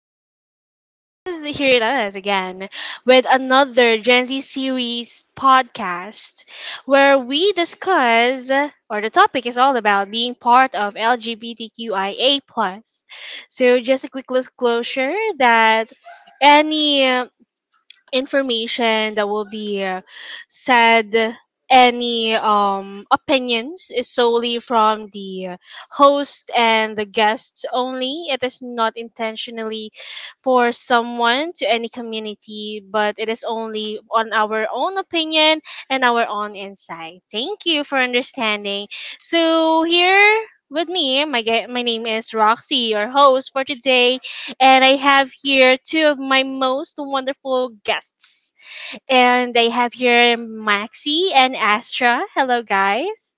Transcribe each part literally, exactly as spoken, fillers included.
here us here it is again with another Gen Z series podcast where we discuss or the topic is all about being part of LGBTQIA plus. So just a quick disclosure that any information that will be uh, said, any um opinions is solely from the uh, host and the guests only, it is not intentionally for someone to any community, but it is only on our own opinion and our own insight. Thank you for understanding. So here with me, my ge- my name is Roxy, your host for today, and I have here two of my most wonderful guests. And I have here Maxi and Astra. Hello, guys.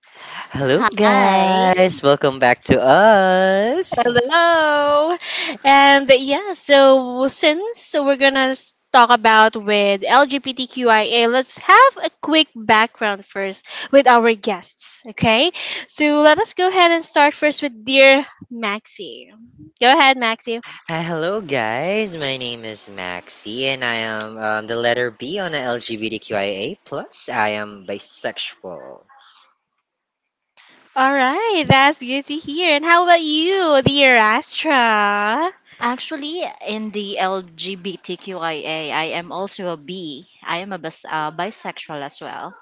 Hello, Hi. guys. Welcome back to us. Hello. And yeah, so since we're gonna s- talk about with LGBTQIA, let's have a quick background first with our guests, okay? So let us go ahead and start first with dear Maxi. Go ahead, Maxi. Hi, hello, guys. My name is Maxi, and I am um, the letter B on a LGBTQIA plus. I am bisexual. All right, that's good to hear. And how about you, dear Astra? Actually, in the LGBTQIA, I am also a B. I am a bis- uh, bisexual as well.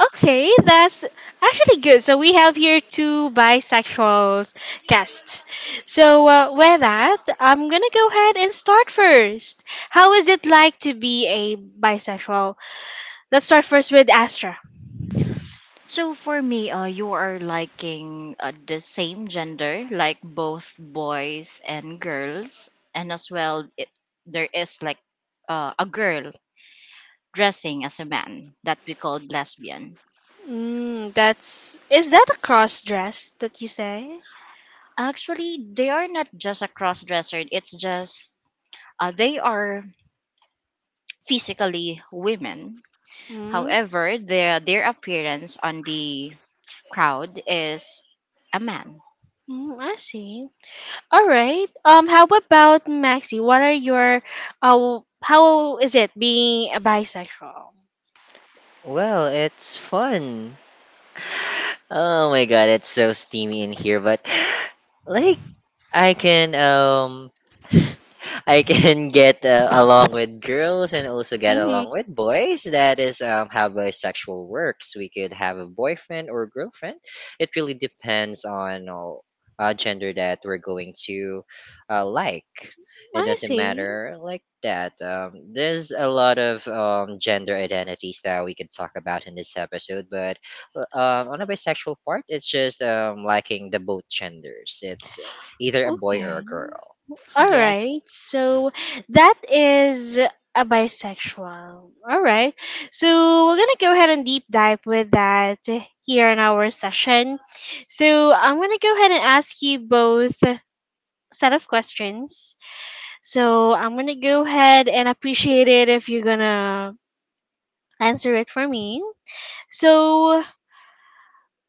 Okay, that's actually good. So we have here two bisexuals guests. So uh, with that, I'm gonna go ahead and start first. How is it like to be a bisexual? Let's start first with Astra. So for me, uh, you are liking uh, the same gender, like both boys and girls, and as well, it, there is like uh, a girl dressing as a man that we call lesbian. Mm, that's is that a cross dress that you say? Actually, they are not just a cross dresser. It's just uh, they are physically women. Mm, However, their their appearance on the crowd is a man. mm, I see. All right. Um, how about Maxi? What are your uh how is it being a bisexual? Well, it's fun. Oh my god, it's so steamy in here, but like I can um I can get uh, along with girls and also get Mm-hmm. along with boys. That is um, how bisexual works. We could have a boyfriend or girlfriend. It really depends on uh, uh, gender that we're going to uh, like. It I doesn't see. matter like that. Um, there's a lot of um, gender identities that we could talk about in this episode, but uh, um, on a bisexual part, it's just um, liking the both genders. It's either a boy or Okay. a girl. All Yes. right. So that is a bisexual. All right. So we're going to go ahead and deep dive with that here in our session. So I'm going to go ahead and ask you both set of questions. So I'm going to go ahead and appreciate it if you're going to answer it for me. So,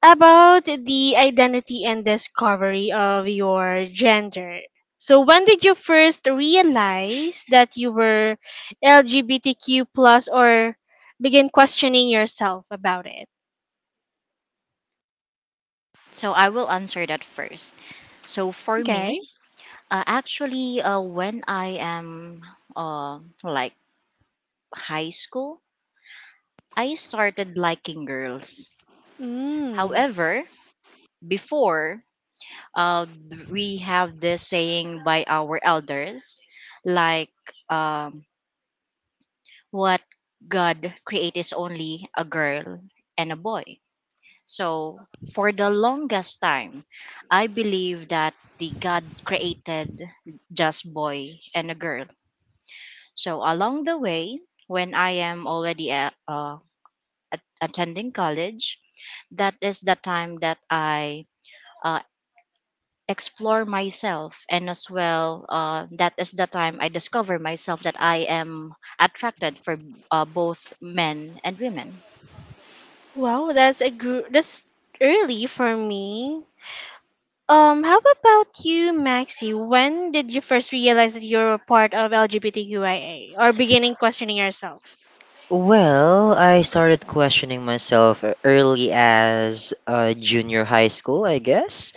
about the identity and discovery of your gender. So, when did you first realize that you were L G B T Q plus or begin questioning yourself about it? So I will answer that first. So for me, Okay. uh, actually, uh, when I am uh, like high school, I started liking girls. Mm. However, before, uh, th- we have this saying by our elders, like um, what God created is only a girl and a boy. So, for the longest time, I believed that the God created just boy and a girl. So, along the way, when I am already a- uh, at- attending college, that is the time that I uh, explore myself, and as well, uh, that is the time I discover myself that I am attracted for uh, both men and women. Wow, that's a gr- that's early for me. Um, how about you, Maxi? When did you first realize that you're a part of LGBTQIA or beginning questioning yourself? Well, I started questioning myself early as uh, junior high school, I guess.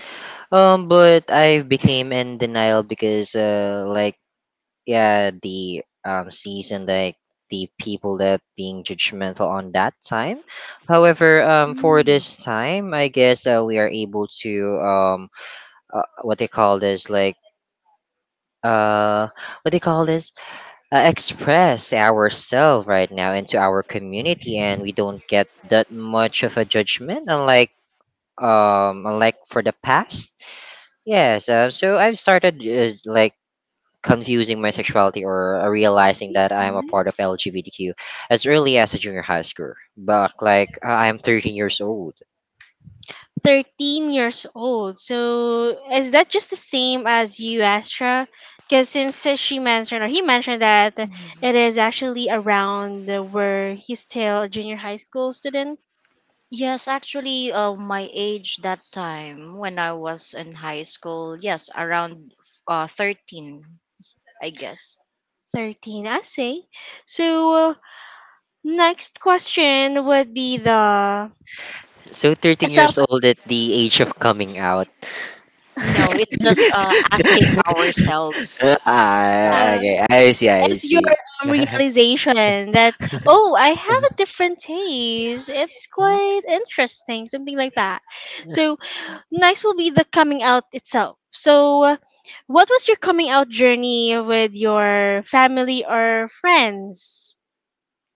Um, but I became in denial because, uh, like, yeah, the um season, like the people that being judgmental on that time. However, um, for this time, I guess uh, we are able to um, uh, what they call this, like, uh, what they call this? Uh, express ourselves right now into our community, and we don't get that much of a judgment unlike um unlike for the past. Yes, uh, so I've started uh, like confusing my sexuality or uh, realizing that I'm a part of LGBTQ as early as a junior high school. But like uh, I'm thirteen years old. thirteen years old. So is that just the same as you, Astra? Because since uh, she mentioned or he mentioned that it is actually around, uh, where he's still a junior high school student, Yes, actually, uh, my age that time when I was in high school, yes, around uh, thirteen, I guess. thirteen, I say. So uh, next question would be the So thirteen self, years old at the age of coming out. No, it's just uh, asking ourselves. Ah, uh, okay, I see, I it's your, see. um, realization that, oh, I have a different taste. It's quite interesting, something like that. So next will be the coming out itself. So, uh, what was your coming out journey with your family or friends?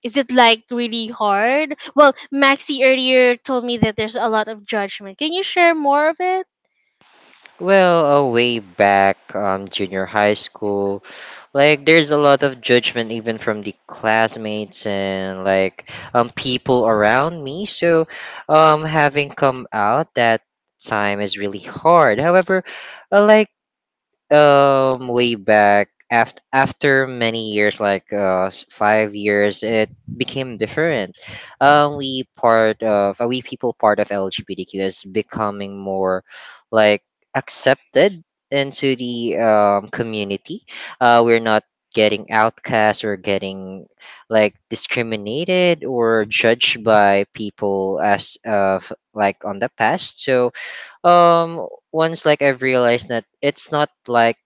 Is it like really hard? Well, Maxi earlier told me that there's a lot of judgment. Can you share more of it? Well, uh, way back, um, junior high school, like there's a lot of judgment even from the classmates and like um people around me. So, um, having come out that time is really hard. However, uh, like um way back, after after many years, like uh s- five years, it became different. Um we part of uh, we people part of LGBTQ is becoming more like accepted into the um community. Uh we're not getting outcast or getting like discriminated or judged by people as of like on the past. So um once like I've realized that it's not like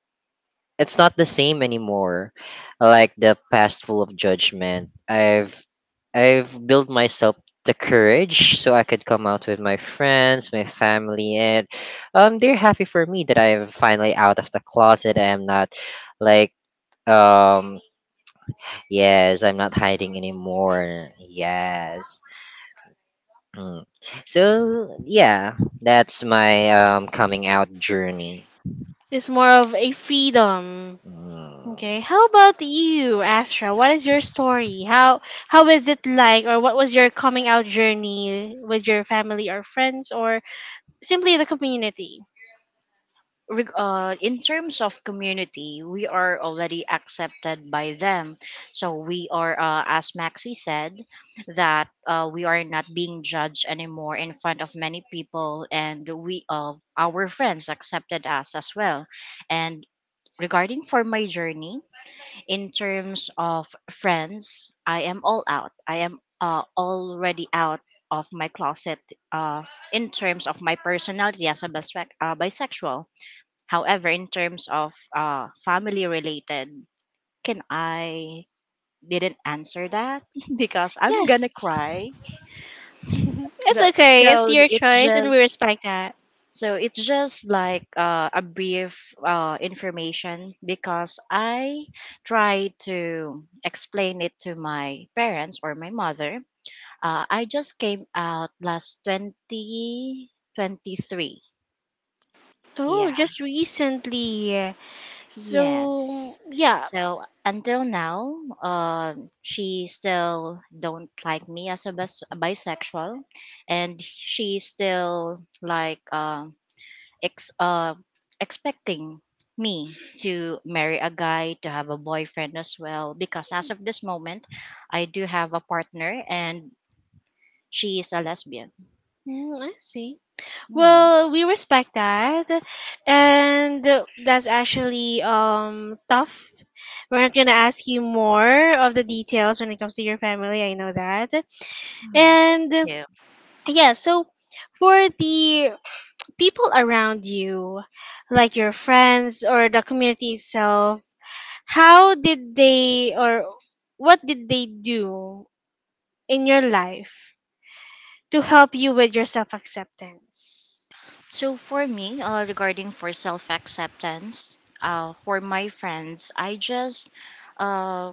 it's not the same anymore, like the past full of judgment, i've I've built myself the courage so I could come out with my friends, my family. And um they're happy for me that I'm finally out of the closet. I'm not like um yes, I'm not hiding anymore. Yes. Mm. So yeah, that's my um coming out journey. It's more of a freedom. Okay. Mm. How about you, Astra? What is your story? How how is it like, or what was your coming out journey with your family or friends or simply the community? Reg- Uh, in terms of community, we are already accepted by them. So we are, uh, as Maxi said, that uh, we are not being judged anymore in front of many people, and we, uh, our friends, accepted us as well. And regarding for my journey, in terms of friends, I am all out. I am uh, already out of my closet uh, in terms of my personality as a bisec- uh, bisexual. However, in terms of uh, family related, can I didn't answer that because I'm gonna Yes. cry. It's But- okay. So It's your it's choice, and we just, respect that. So it's just like uh, a brief uh, information because I try to explain it to my parents or my mother. Uh, I just came out last twenty twenty-three. Oh, Yeah. just recently. So Yes. yeah. So until now, um, she still don't like me as a bis- a bisexual, and she still like um ex- uh, expecting me to marry a guy, to have a boyfriend as well, because as of this moment, I do have a partner and she is a lesbian. Mm, I see. Yeah. Well, we respect that, and uh, that's actually um tough. We're not gonna ask you more of the details when it comes to your family. I know that, Yeah. Thank and uh, you. yeah. So for the people around you, like your friends or the community itself, how did they, or what did they do in your life to help you with your self acceptance? So for me, uh, regarding for self acceptance, uh, for my friends, I just uh,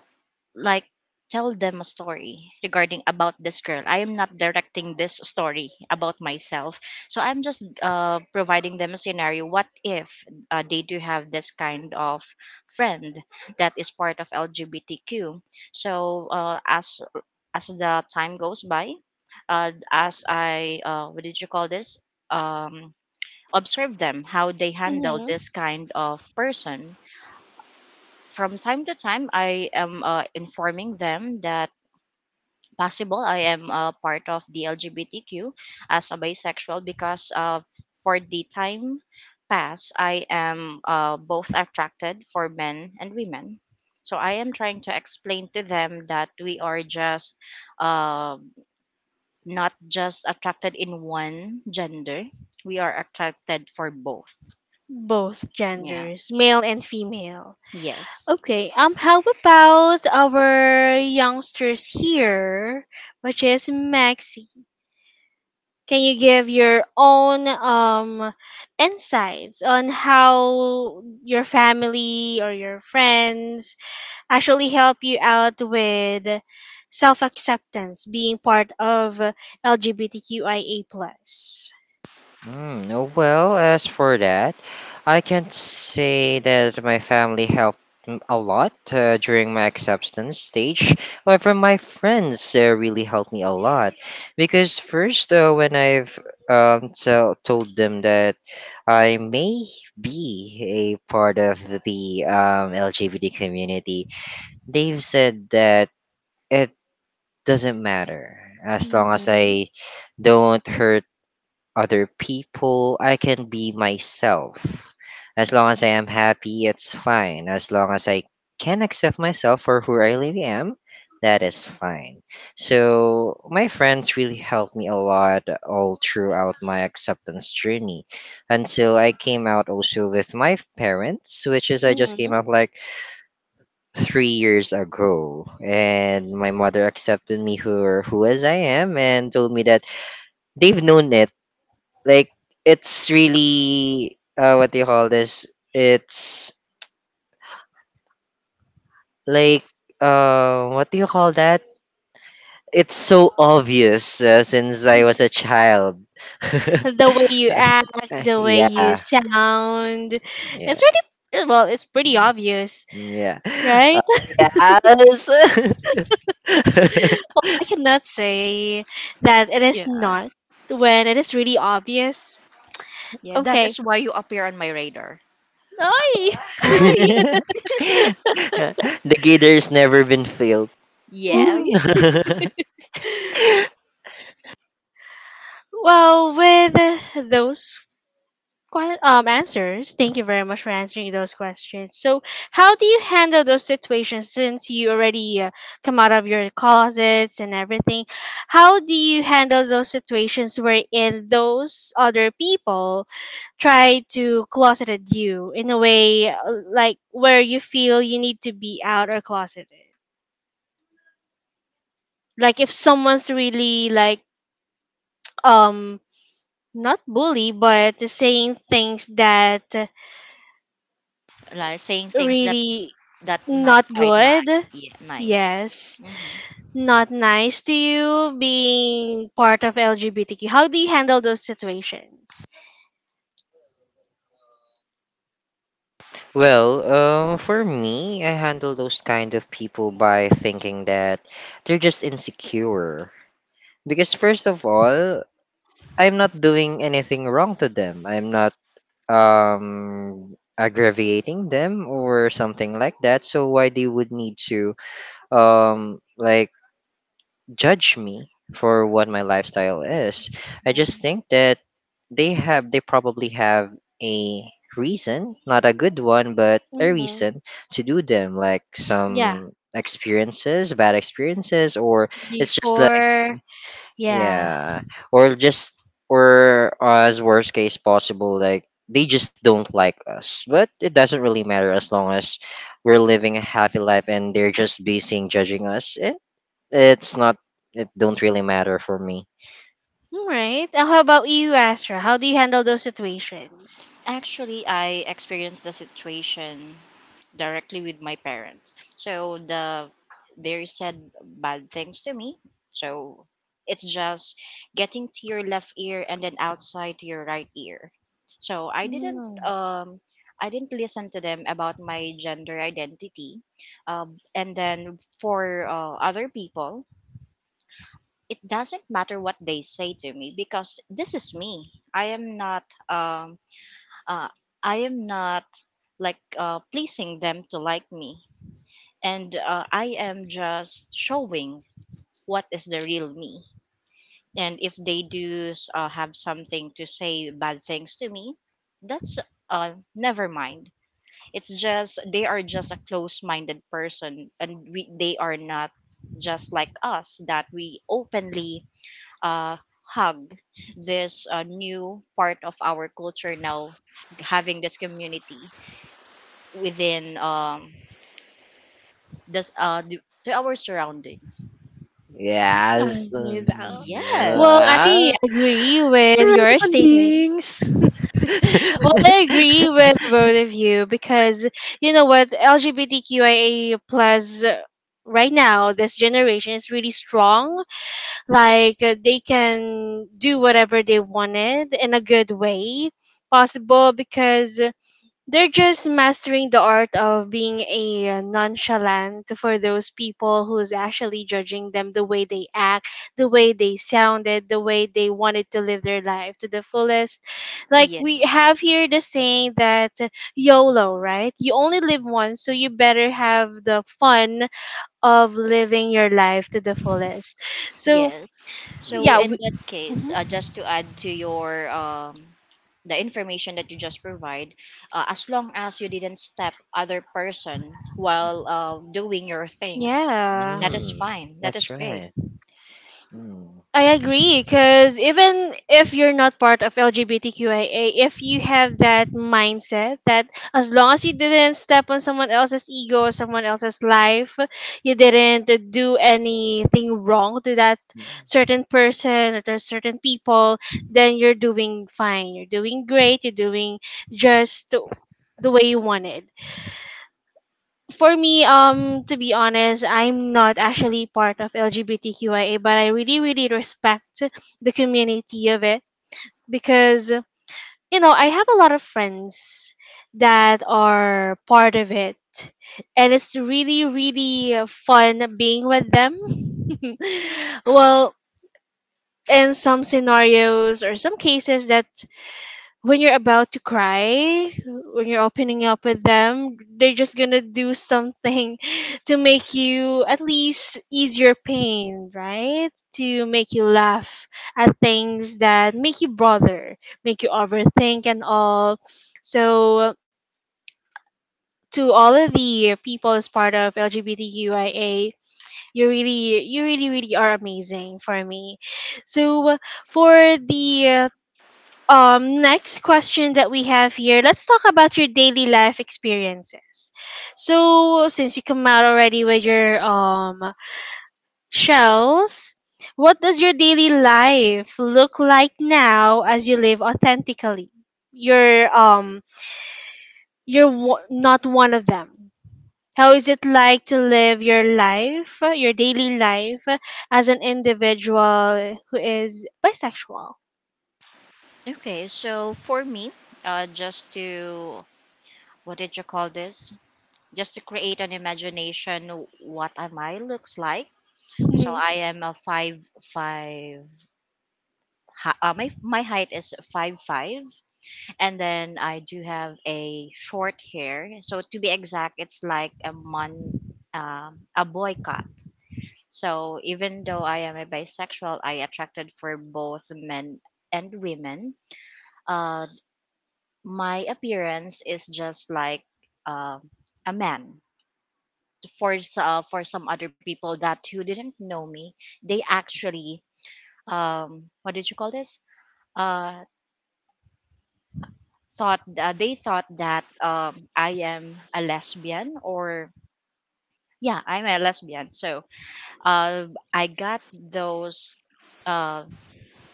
like tell them a story regarding about this girl. I am not directing this story about myself, so I'm just uh, providing them a scenario what if uh, they do have this kind of friend that is part of LGBTQ. So uh, as as the time goes by, uh, as I, uh, what did you call this um, observe them how they handle this Mm-hmm. kind of person. From time to time, I am uh, informing them that possible I am a part of the L G B T Q as a bisexual because uh, for the time past I am uh, both attracted for men and women. So I am trying to explain to them that we are just, uh, not just attracted in one gender. We are attracted for both. Both Yeah. genders, male and female. Yes. Okay, um, how about our youngsters here, which is Maxi? Can you give your own um insights on how your family or your friends actually help you out with self-acceptance being part of LGBTQIA plus? Mm, oh, well, as for that, I can say that my family helped m- a lot uh, during my acceptance stage. However, my friends uh, really helped me a lot because first, uh, when I've um, tell told them that I may be a part of the um, L G B T community, they've said that it doesn't matter as long as Mm-hmm. I don't hurt other people. I can be myself. As long as I am happy, it's fine. As long as I can accept myself for who I really am, that is fine. So, my friends really helped me a lot all throughout my acceptance journey until I came out also with my parents, which is I just came Mm-hmm. out like three years ago. And my mother accepted me who, who as I am and told me that they've known it, like it's really uh what do you call this? It's like uh what do you call that? It's so obvious uh, since I was a child. The way you act, Uh, the way yeah, you sound, yeah, it's really, well, it's pretty mm, obvious, yeah. right? Uh, yes. Well, I cannot say that it is Yeah. not when it is really obvious. Yeah, that Okay. is why you appear on my radar. Ay! Hi. The gator's never been filled. Hmm. Uy. Yes. Well, with uh, those que- um answers, thank you very much for answering those questions. So, how do you handle those situations since you already uh, come out of your closets and everything? How do you handle those situations wherein those other people try to closeted you in a way, uh, like where you feel you need to be out or closeted. Like if someone's really like um not bully but saying things that Like saying things that, really that not not quite good. nice. Yeah, nice. Yes, hmm not nice to you being part of L G B T Q. How do you handle those situations? Well, um, for me, I handle those kind of people by thinking that they're just insecure. Because first of all, I'm not doing anything wrong to them. I'm not um aggravating them or something like that. So why they would need to um like judge me for what my lifestyle is. I just think that they have they probably have a reason, not a good one, but a Mm-hmm. reason to do them, like Yeah, some experiences, bad experiences, or it's just like before, yeah. yeah, or just or as worst case possible, like they just don't like us. But it doesn't really matter as long as we're living a happy life and they're just basing judging us. It's not. It don't really matter for me. All right. Uh, How about you, Astra? How do you handle those situations? Actually, I experienced the situation directly with my parents. So the, they said bad things to me. So it's just getting to your left ear and then outside to your right ear. So I didn't Hmm. um I didn't listen to them about my gender identity. Um, and then for uh, other people, it doesn't matter what they say to me because this is me. I am not um uh I am not like, uh, pleasing them to like me, and uh, I am just showing what is the real me. And if they do s- uh, have something to say bad things to me, that's uh never mind. It's just they are just a close-minded person, and we they are not just like us, that we openly uh, hug this uh, new part of our culture now, having this community within um this uh the, to our surroundings. I Yes. Uh, see that. Yes. Well, I agree with your statements. surroundings. Well, I agree with both of you because, you know what, LGBTQIA plus right now, this generation is really strong. Like, uh, they can do whatever they wanted in a good way possible because they're just mastering the art of being a nonchalant for those people who's actually judging them, the way they act, the way they sounded, the way they wanted to live their life to the fullest. Like we Yes. have here the saying that YOLO, right? You only live once, so you better have the fun of living your life to the fullest. So Yes. So yeah, in we, that case, uh, mhm. just to add to your, um the information that you just provide, uh, as long as you didn't step other person while uh, doing your things, Yeah, that is Mm, fine, that is that's great. right. Mm. I agree because even if you're not part of LGBTQIA, if you have that mindset that as long as you didn't step on someone else's ego or someone else's life, you didn't do anything wrong to that certain person or to certain people, then you're doing fine, you're doing great, you're doing just the way you wanted. For me, um, to be honest, I'm not actually part of LGBTQIA, but I really, really respect the community of it because, you know, I have a lot of friends that are part of it, and it's really, really fun being with them. Well, in some scenarios or some cases that when you're about to cry, when you're opening up with them, they're just gonna do something to make you at least ease your pain, right? To make you laugh at things that make you bother, make you overthink and all. So to all of the people as part of LGBTQIA, you really, you really, really are amazing for me. So for the um next question that we have here, let's talk about your daily life experiences. So since you come out already with your um shells, what does your daily life look like now as you live authentically? you're um you're wo- Not one of them. How is it like to live your life, uh, your daily life, uh, as an individual who is bisexual? Okay, so for me, uh, just to, what did you call this? just to create an imagination, what am I looks like? So I am a five five. hi- Uh, my my height is five five, and then I do have a short hair. So to be exact, it's like a man, um, a boy cut. So even though I am a bisexual, I attracted for both men and women. Uh, my appearance is just like uh, a man. For s- uh, for some other people that who didn't know me, they actually, um what did you call this uh thought uh, they thought that um I am a lesbian. Or yeah, I'm a lesbian. So uh i got those uh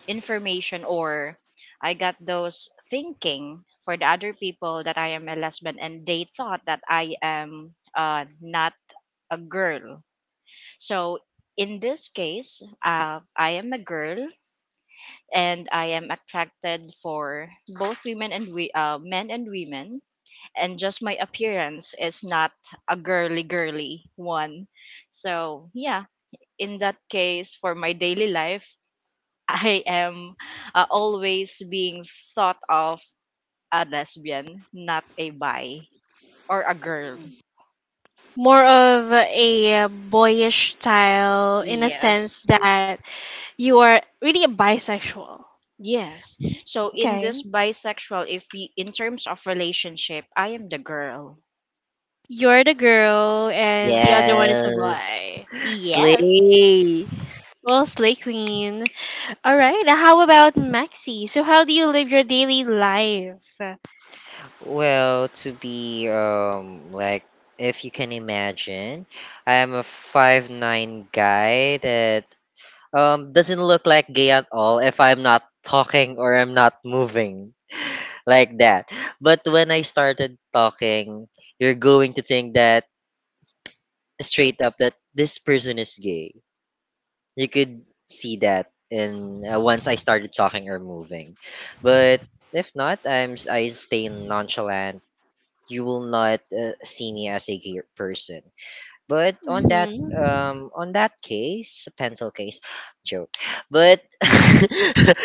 information or I got those thinking for the other people that I am a lesbian, and they thought that I am uh, not a girl. So in this case, uh, I am a girl and I am attracted for both women and we uh, men and women, and just my appearance is not a girly girly one. So yeah, in that case for my daily life, I am uh, always being thought of a lesbian, not a bi or a girl. More of a boyish style in a sense Yes. that you are really a bisexual. Yes. So in Okay. this bisexual, if you, in terms of relationship, I am the girl. You're the girl and the other one is a Yes. boy. Yes. Slay. Well, Slay Queen. All right. How about Maxi? So, how do you live your daily life? Well, to be um like if you can imagine, I am a five nine guy that um doesn't look like gay at all if I'm not talking or I'm not moving. Like that. But when I started talking, you're going to think that straight up that this person is gay. You could see that in uh, once I started talking or moving. But if not, I'm s- I stay nonchalant. You will not uh, see me as a gay person. But on that Mm-hmm. um on that case, pencil case, joke. But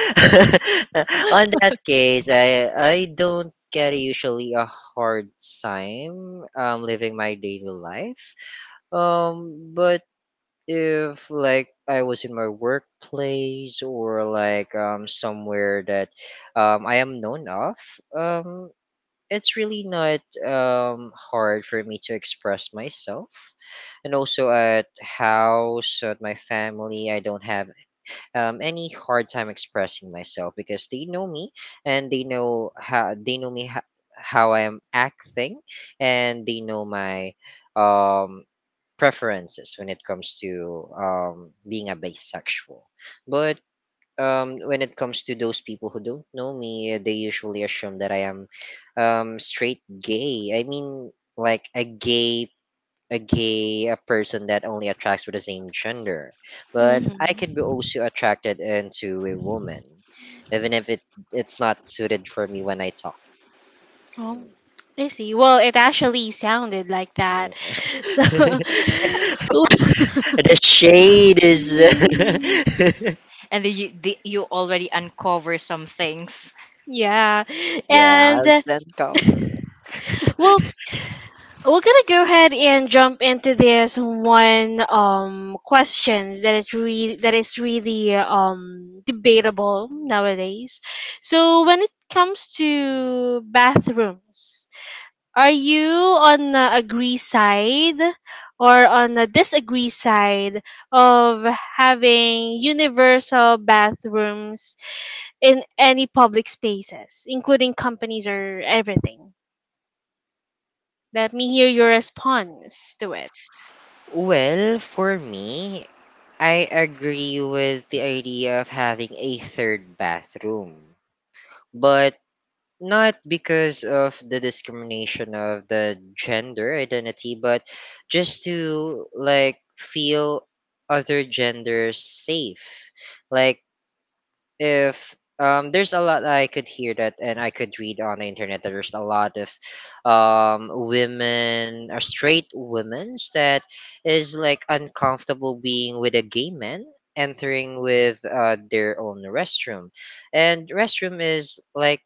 on that case, I I don't get usually a hard time um living my daily life. Um, but if like I was in my workplace or like um somewhere that um I am known of, um it's really not um, hard for me to express myself. And also at house, at my family, I don't have um, any hard time expressing myself because they know me, and they know how they know me ho- how I am acting, and they know my um, preferences when it comes to um, being a bisexual. But um, when it comes to those people who don't know me, uh, they usually assume that I am um, straight gay. I mean, like a gay, a gay, a person that only attracts with the same gender. But I could be Mm-hmm. also attracted into a woman, even if it it's not suited for me when I talk. Oh, Mm, I see. Well, it actually sounded like that. no. So, The shade is Mm, And then you, the, you already uncover some things. yeah. And, yes uh, and cover. well, we're gonna go ahead and jump into this one um questions that it really that is really um debatable nowadays. So when it comes to bathrooms, are you on the agree side or on the disagree side of having universal bathrooms in any public spaces, including companies or everything? Let me hear your response to it. Well, for me, I agree with the idea of having a third bathroom, but not because of the discrimination of the gender identity, but just to like feel other genders safe. Like if um, there's a lot I could hear that and I could read on the internet that there's a lot of um, women or straight women's that is like uncomfortable being with a gay man entering with uh, their own restroom. And restroom is like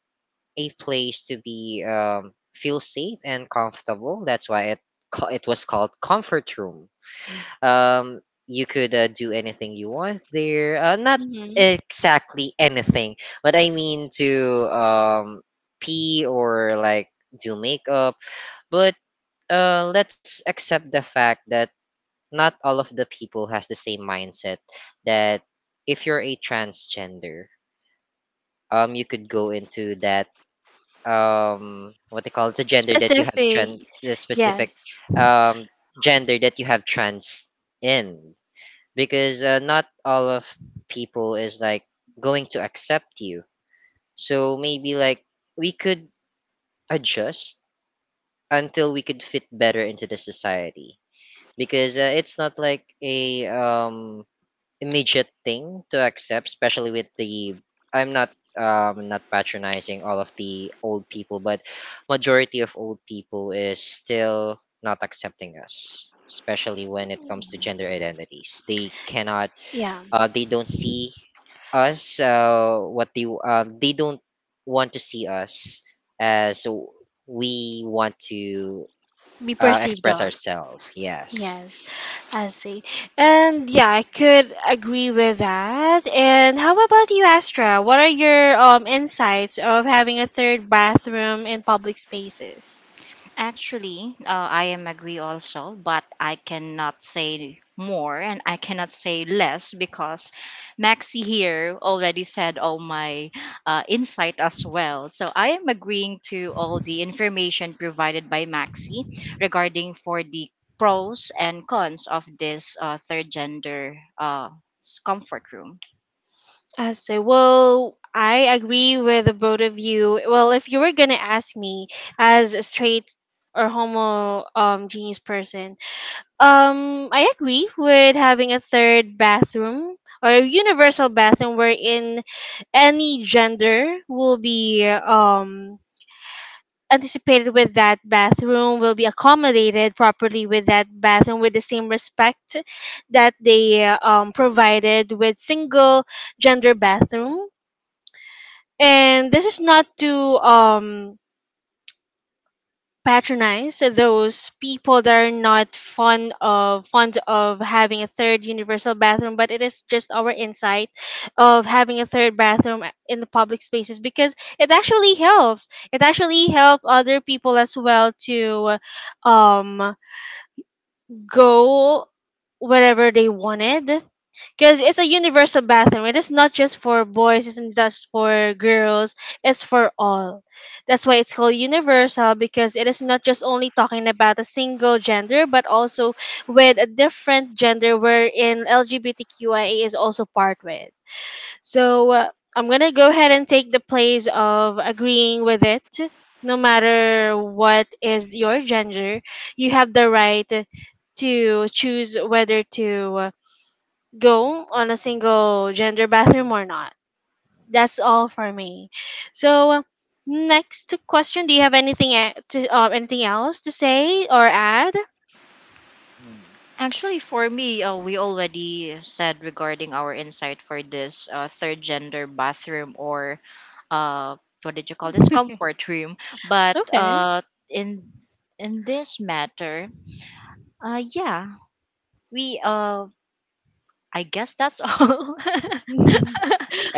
a place to be um, feel safe and comfortable. That's why it ca- it was called comfort room. um you could uh, do anything you want there, uh, not Hmm. exactly anything, but I mean to um pee or like do makeup. But uh let's accept the fact that not all of the people has the same mindset that if you're a transgender, um you could go into that um what they call it, the gender that you have trans, Specific. the specific Yes. um gender that you have trans in, because uh, not all of people is like going to accept you. So maybe like we could adjust until we could fit better into the society, because uh, it's not like a um immediate thing to accept, especially with the I'm not um not patronizing all of the old people, but majority of old people is still not accepting us, especially when it comes to gender identities. They cannot Yeah. uh, they don't see us uh, what they um, they don't want to see us as we want to Be uh, perceived express of. ourselves. Yes. Yes. I see. And yeah, I could agree with that. And how about you, Astra? What are your um insights of having a third bathroom in public spaces? Actually, uh, I am agree also, but I cannot say more and I cannot say less because Maxi here already said all my uh, insight as well. So I am agreeing to all the information provided by Maxi regarding for the pros and cons of this uh, third gender, uh, s- comfort room. I say, well, I agree with the both of you. Well, if you were gonna ask me as a straight or homo um genius person, Um, I agree with having a third bathroom or a universal bathroom wherein any gender will be um anticipated with that bathroom, will be accommodated properly with that bathroom with the same respect that they, uh, um, provided with single gender bathroom. And this is not to um patronize those people that are not fond of fond of having a third universal bathroom, but it is just our insight of having a third bathroom in the public spaces because it actually helps it actually help other people as well to um go wherever they wanted because it's a universal bathroom. It is not just for boys, it's not just for girls, it's for all. That's why it's called universal, because it is not just only talking about a single gender, but also with a different gender wherein LGBTQIA is also part with. So uh, I'm going to go ahead and take the place of agreeing with it. No matter what is your gender, you have the right to choose whether to, uh, go on a single gender bathroom or not. That's all for me. So next question, do you have anything e- to uh, anything else to say or add? Actually, for me, uh, we already said regarding our insight for this uh, third gender bathroom or uh, what did you call this, comfort room? But Okay. uh, in in this matter, uh, yeah, we uh, I guess that's all.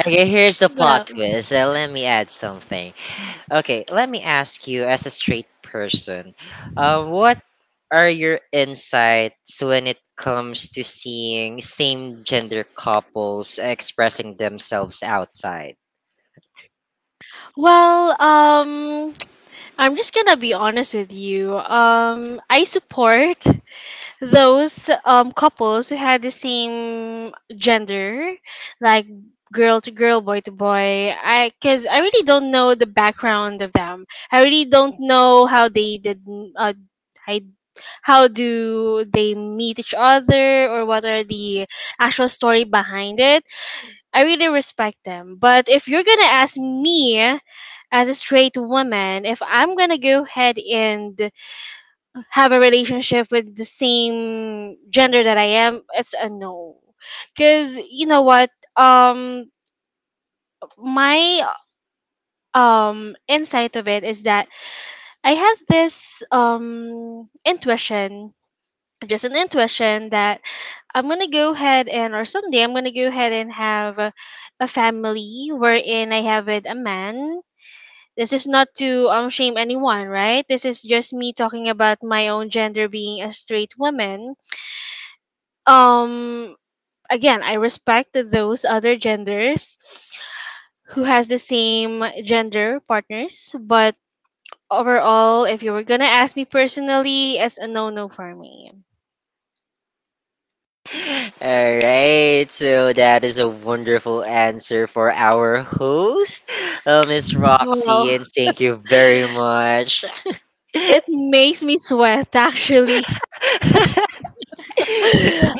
Okay, here's the plot Well, twist. Uh, let me add something. Okay, let me ask you as a straight person, uh, what are your insights when it comes to seeing same gender couples expressing themselves outside? well, um, I'm just gonna be honest with you. Um, I support those um couples who had the same gender, like girl to girl, boy to boy, I because I really don't know the background of them. I really don't know how they did, uh, I, how do they meet each other, or what are the actual story behind it. I really respect them, but if you're gonna ask me as a straight woman, if I'm gonna go ahead and have a relationship with the same gender that I am, it's a no. Cause, you know what? Um my um insight of it is that I have this um intuition, just an intuition that, I'm gonna go ahead and or someday I'm gonna go ahead and have a, a family wherein I have with a man. This is not to um shame anyone, right? This is just me talking about my own gender being a straight woman. um Again, I respect those other genders who has the same gender partners, but overall, if you were gonna ask me personally, it's a no-no for me. All right, so that is a wonderful answer for our host, uh, Miss Roxy, Well, and thank you very much. it makes me sweat, actually.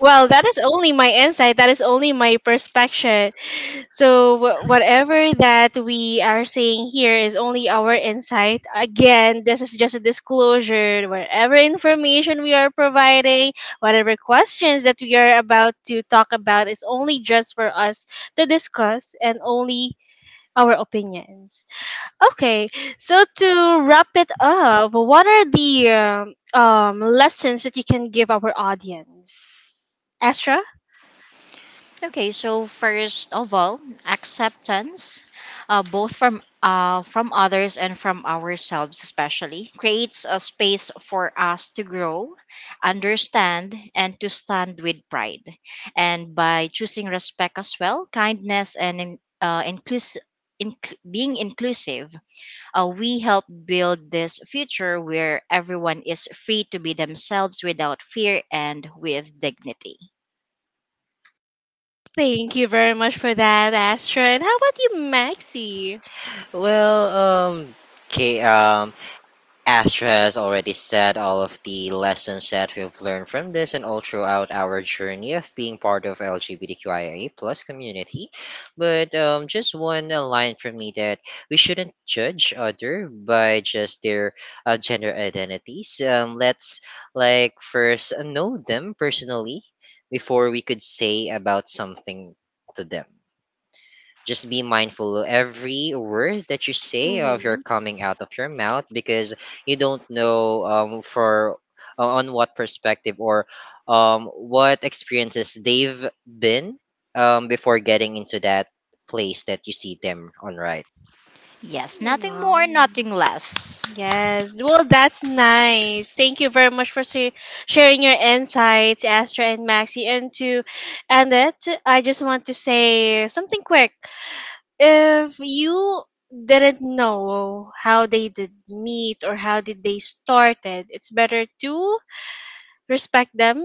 Well, that is only my insight, that is only my perspective. So wh- whatever that we are saying here is only our insight. Again, this is just a disclosure. Whatever information we are providing, whatever questions that we are about to talk about is only just for us to discuss and only our opinions. Okay, so to wrap it up, what are the, um, um, lessons that you can give our audience? Astra? Okay, so first of all, acceptance, uh, both from uh, from others and from ourselves, especially, creates a space for us to grow, understand, and to stand with pride. And by choosing respect as well, kindness, and in- uh, inclus- inc- being inclusive, Uh, we help build this future where everyone is free to be themselves without fear and with dignity. Thank you very much for that, Astra. And how about you, Maxi? Well, um, okay, um, Astra has already said all of the lessons that we've learned from this and all throughout our journey of being part of LGBTQIA plus community. But um, just one uh, line from me that we shouldn't judge other by just their uh, gender identities. Um, let's like first know them personally before we could say about something to them. Just be mindful of every word that you say of your Mm-hmm. coming out of your mouth, because you don't know um, for uh, on what perspective or um, what experiences they've been um, before getting into that place that you see them on right. Yes, nothing more, nothing less. Yes. Well, that's nice. Thank you very much for sa- sharing your insights, Astra and Maxi. And to end it, I just want to say something quick. If you didn't know how they did meet or how did they started, it's better to respect them,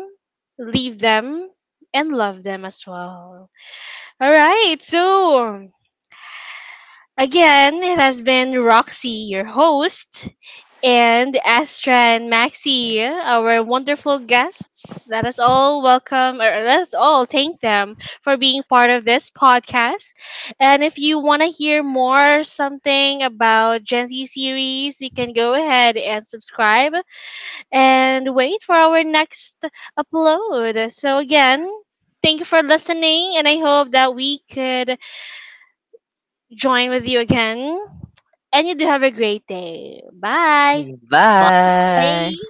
leave them, and love them as well. All right, so again, it has been Roxy, your host, and Astra and Maxi, our wonderful guests. Let us all welcome, or let us all thank them for being part of this podcast. And if you want to hear more something about Gen Z series, you can go ahead and subscribe and wait for our next upload. So again, thank you for listening, and I hope that we could join with you again. And you do have a great day. Bye. Bye. Bye.